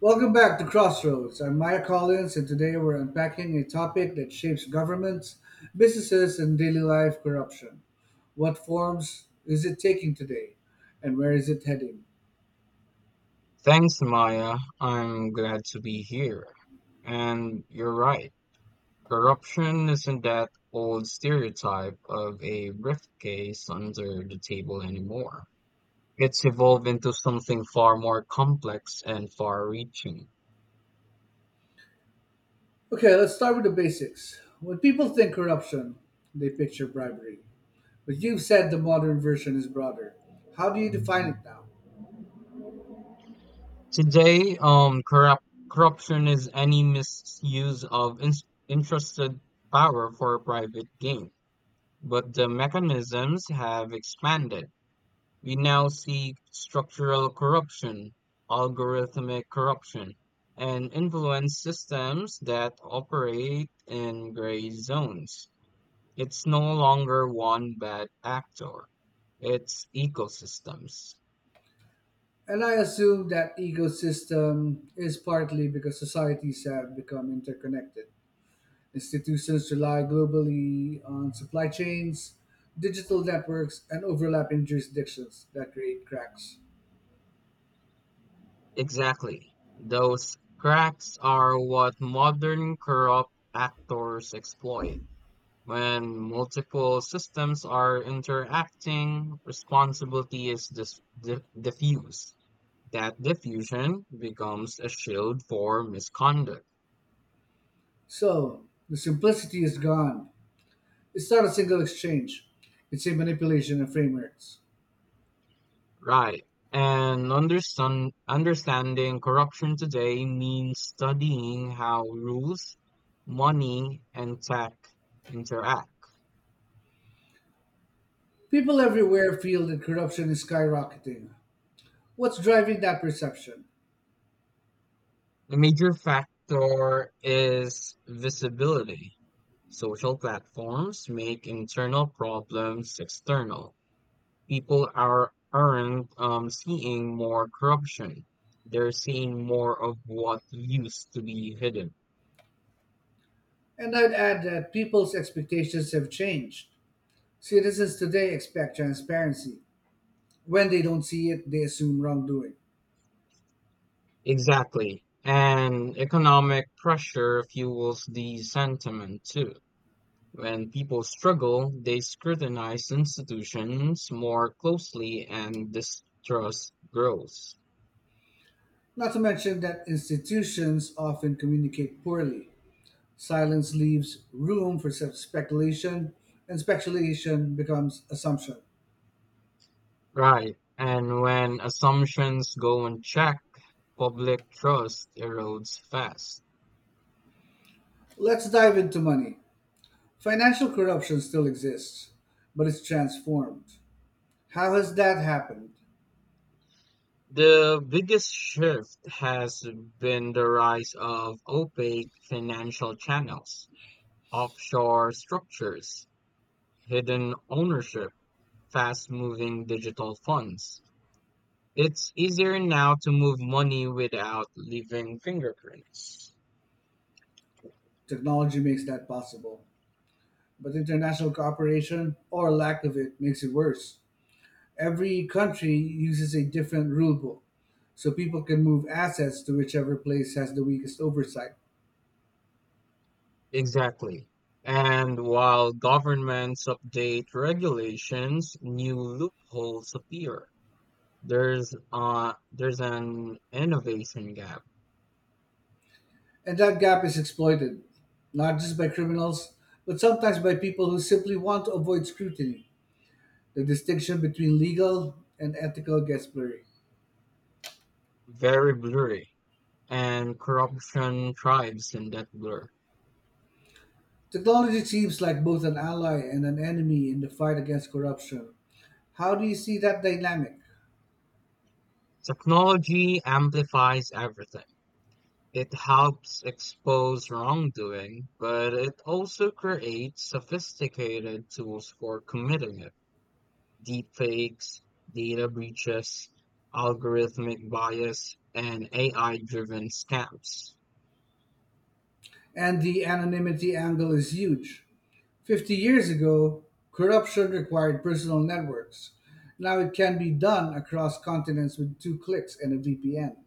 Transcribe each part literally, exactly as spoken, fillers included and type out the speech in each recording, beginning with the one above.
Welcome back to Crossroads. I'm Maya Collins, and today we're unpacking a topic that shapes governments, businesses, and daily life corruption. What forms is it taking today, and where is it heading? Thanks, Maya. I'm glad to be here. And you're right. Corruption isn't that old stereotype of a briefcase under the table anymore. It's evolved into something far more complex and far-reaching. Okay, let's start with the basics. When people think corruption, they picture bribery. But you've said the modern version is broader. How do you define it now? Today, um, corrupt corruption is any misuse of in entrusted power for private gain, but the mechanisms have expanded. We now see structural corruption, algorithmic corruption, and influence systems that operate in gray zones. It's no longer one bad actor, it's ecosystems. And I assume that ecosystem is partly because societies have become interconnected. Institutions rely globally on supply chains, digital networks, and overlapping jurisdictions that create cracks. Exactly. Those cracks are what modern corrupt actors exploit. When multiple systems are interacting, responsibility is dis- di- diffused. That diffusion becomes a shield for misconduct. So, the simplicity is gone. It's not a single exchange, it's a manipulation of frameworks. Right. And understand, understanding corruption today means studying how rules, money, and tech interact. People everywhere feel that corruption is skyrocketing. What's driving that perception? A major factor is visibility. Social platforms make internal problems external. people are aren't um, seeing more corruption. They're seeing more of what used to be hidden. And I'd add that people's expectations have changed. Citizens today expect transparency. When they don't see it, they assume wrongdoing. Exactly. And economic pressure fuels the sentiment too. When people struggle, they scrutinize institutions more closely and distrust grows. Not to mention that institutions often communicate poorly. Silence leaves room for self speculation, and speculation becomes assumption. Right. And when assumptions go unchecked, public trust erodes fast. Let's dive into money. Financial corruption still exists, but it's transformed. How has that happened? The biggest shift has been the rise of opaque financial channels, offshore structures, hidden ownership, fast-moving digital funds. It's easier now to move money without leaving fingerprints. Technology makes that possible, but international cooperation or lack of it makes it worse. Every country uses a different rulebook, so people can move assets to whichever place has the weakest oversight. Exactly. And while governments update regulations, new loopholes appear. There's uh there's an innovation gap, And that gap is exploited, not just by criminals, but sometimes by people who simply want to avoid scrutiny. The distinction between legal and ethical gets blurry. very blurry, and corruption thrives in that blur. Technology seems like both an ally and an enemy in the fight against corruption. How do you see that dynamic? Technology amplifies everything. It helps expose wrongdoing, but it also creates sophisticated tools for committing it. Deepfakes, data breaches, algorithmic bias, and A I-driven scams. And the anonymity angle is huge. fifty years ago, corruption required personal networks. Now it can be done across continents with two clicks and a V P N.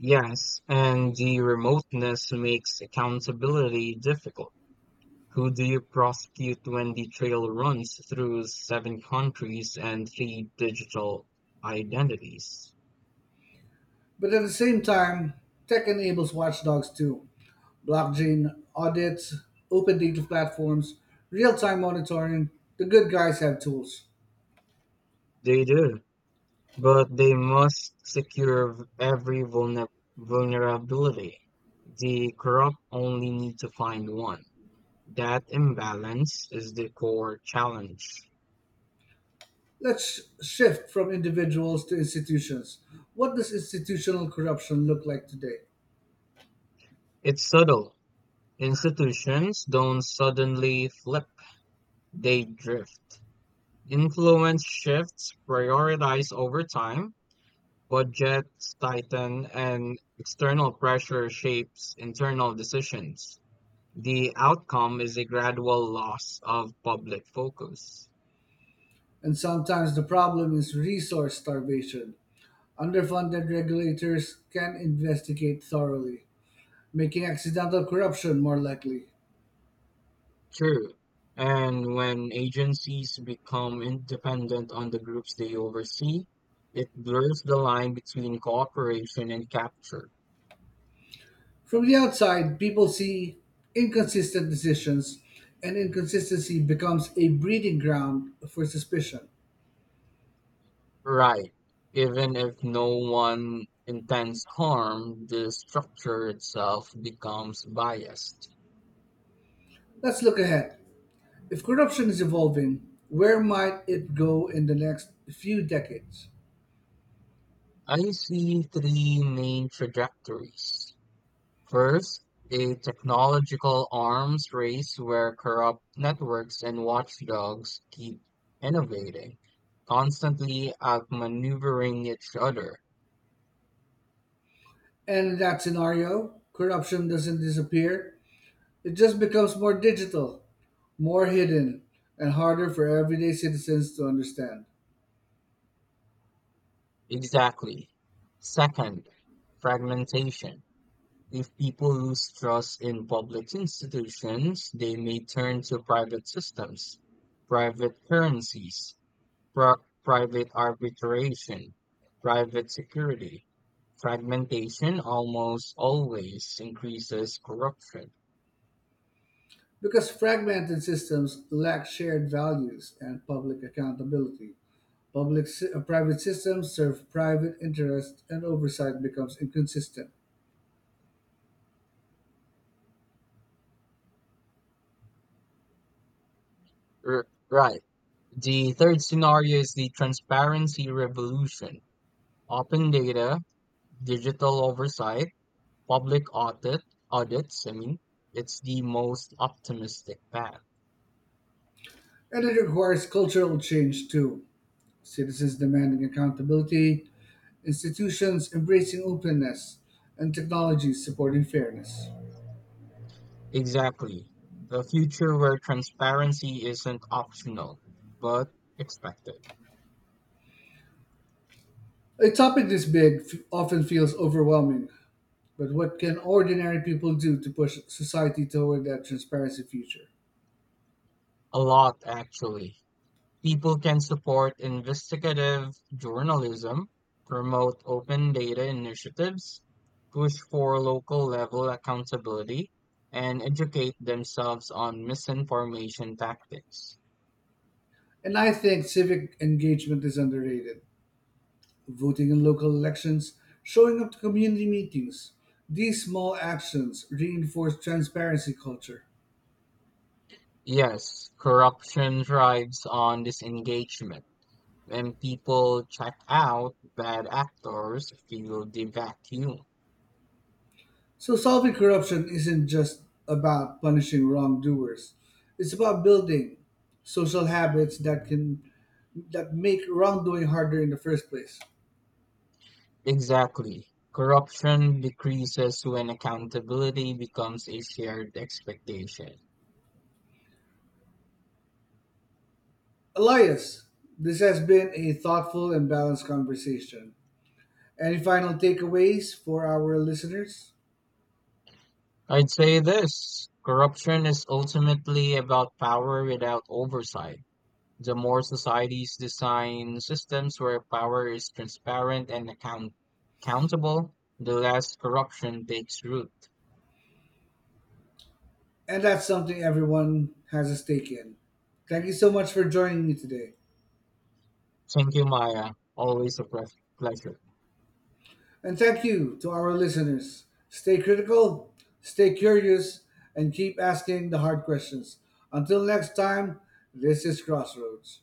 Yes, and the remoteness makes accountability difficult. Who do you prosecute when the trail runs through seven countries and three digital identities? But at the same time, tech enables watchdogs too. Blockchain audits, open data platforms, real time monitoring. The good guys have tools. They do, but they must secure v- every vulner- vulnerability. The corrupt only need to find one. That imbalance is the core challenge. Let's shift from individuals to institutions. What does institutional corruption look like today? It's subtle. Institutions don't suddenly flip, they drift. Influence shifts, prioritize over time, budgets tighten, and external pressure shapes internal decisions. The outcome is a gradual loss of public focus. And sometimes the problem is resource starvation. Underfunded regulators can investigate thoroughly, making accidental corruption more likely. True. And when agencies become independent on the groups they oversee, it blurs the line between cooperation and capture. From the outside, people see inconsistent decisions, and inconsistency becomes a breeding ground for suspicion. Right. Even if no one intends harm, the structure itself becomes biased. Let's look ahead. If corruption is evolving, where might it go in the next few decades? I see three main trajectories. First, a technological arms race where corrupt networks and watchdogs keep innovating, constantly outmaneuvering each other. And in that scenario, corruption doesn't disappear, it just becomes more digital, more hidden, and harder for everyday citizens to understand. Exactly. Second, fragmentation. If people lose trust in public institutions, they may turn to private systems, private currencies, pri- private arbitration, private security. Fragmentation almost always increases corruption. Because fragmented systems lack shared values and public accountability. Public si- uh, private systems serve private interests and oversight becomes inconsistent. R- right. The third scenario is the transparency revolution. Open data, digital oversight, public audit audits, I mean, it's the most optimistic path. And it requires cultural change too. Citizens demanding accountability, institutions embracing openness, and technologies supporting fairness. Exactly. A future where transparency isn't optional, but expected. A topic this big f- often feels overwhelming, but what can ordinary people do to push society toward that transparency future? A lot actually. People can support investigative journalism, promote open data initiatives, push for local level accountability, and educate themselves on misinformation tactics. And I think civic engagement is underrated. Voting in local elections, showing up to community meetings. These small actions reinforce transparency culture. Yes, corruption thrives on disengagement. When people check out, bad actors feel the vacuum. So, solving corruption isn't just about punishing wrongdoers, it's about building social habits that can that make wrongdoing harder in the first place. Exactly. Corruption decreases when accountability becomes a shared expectation. Elias, this has been a thoughtful and balanced conversation. Any final takeaways for our listeners? I'd say this: corruption is ultimately about power without oversight. The more societies design systems where power is transparent and account- accountable, the less corruption takes root. And that's something everyone has a stake in. Thank you so much for joining me today. Thank you, Maya. Always a pleas- pleasure. And thank you to our listeners. Stay critical, stay curious, and keep asking the hard questions. Until next time, this is Crossroads.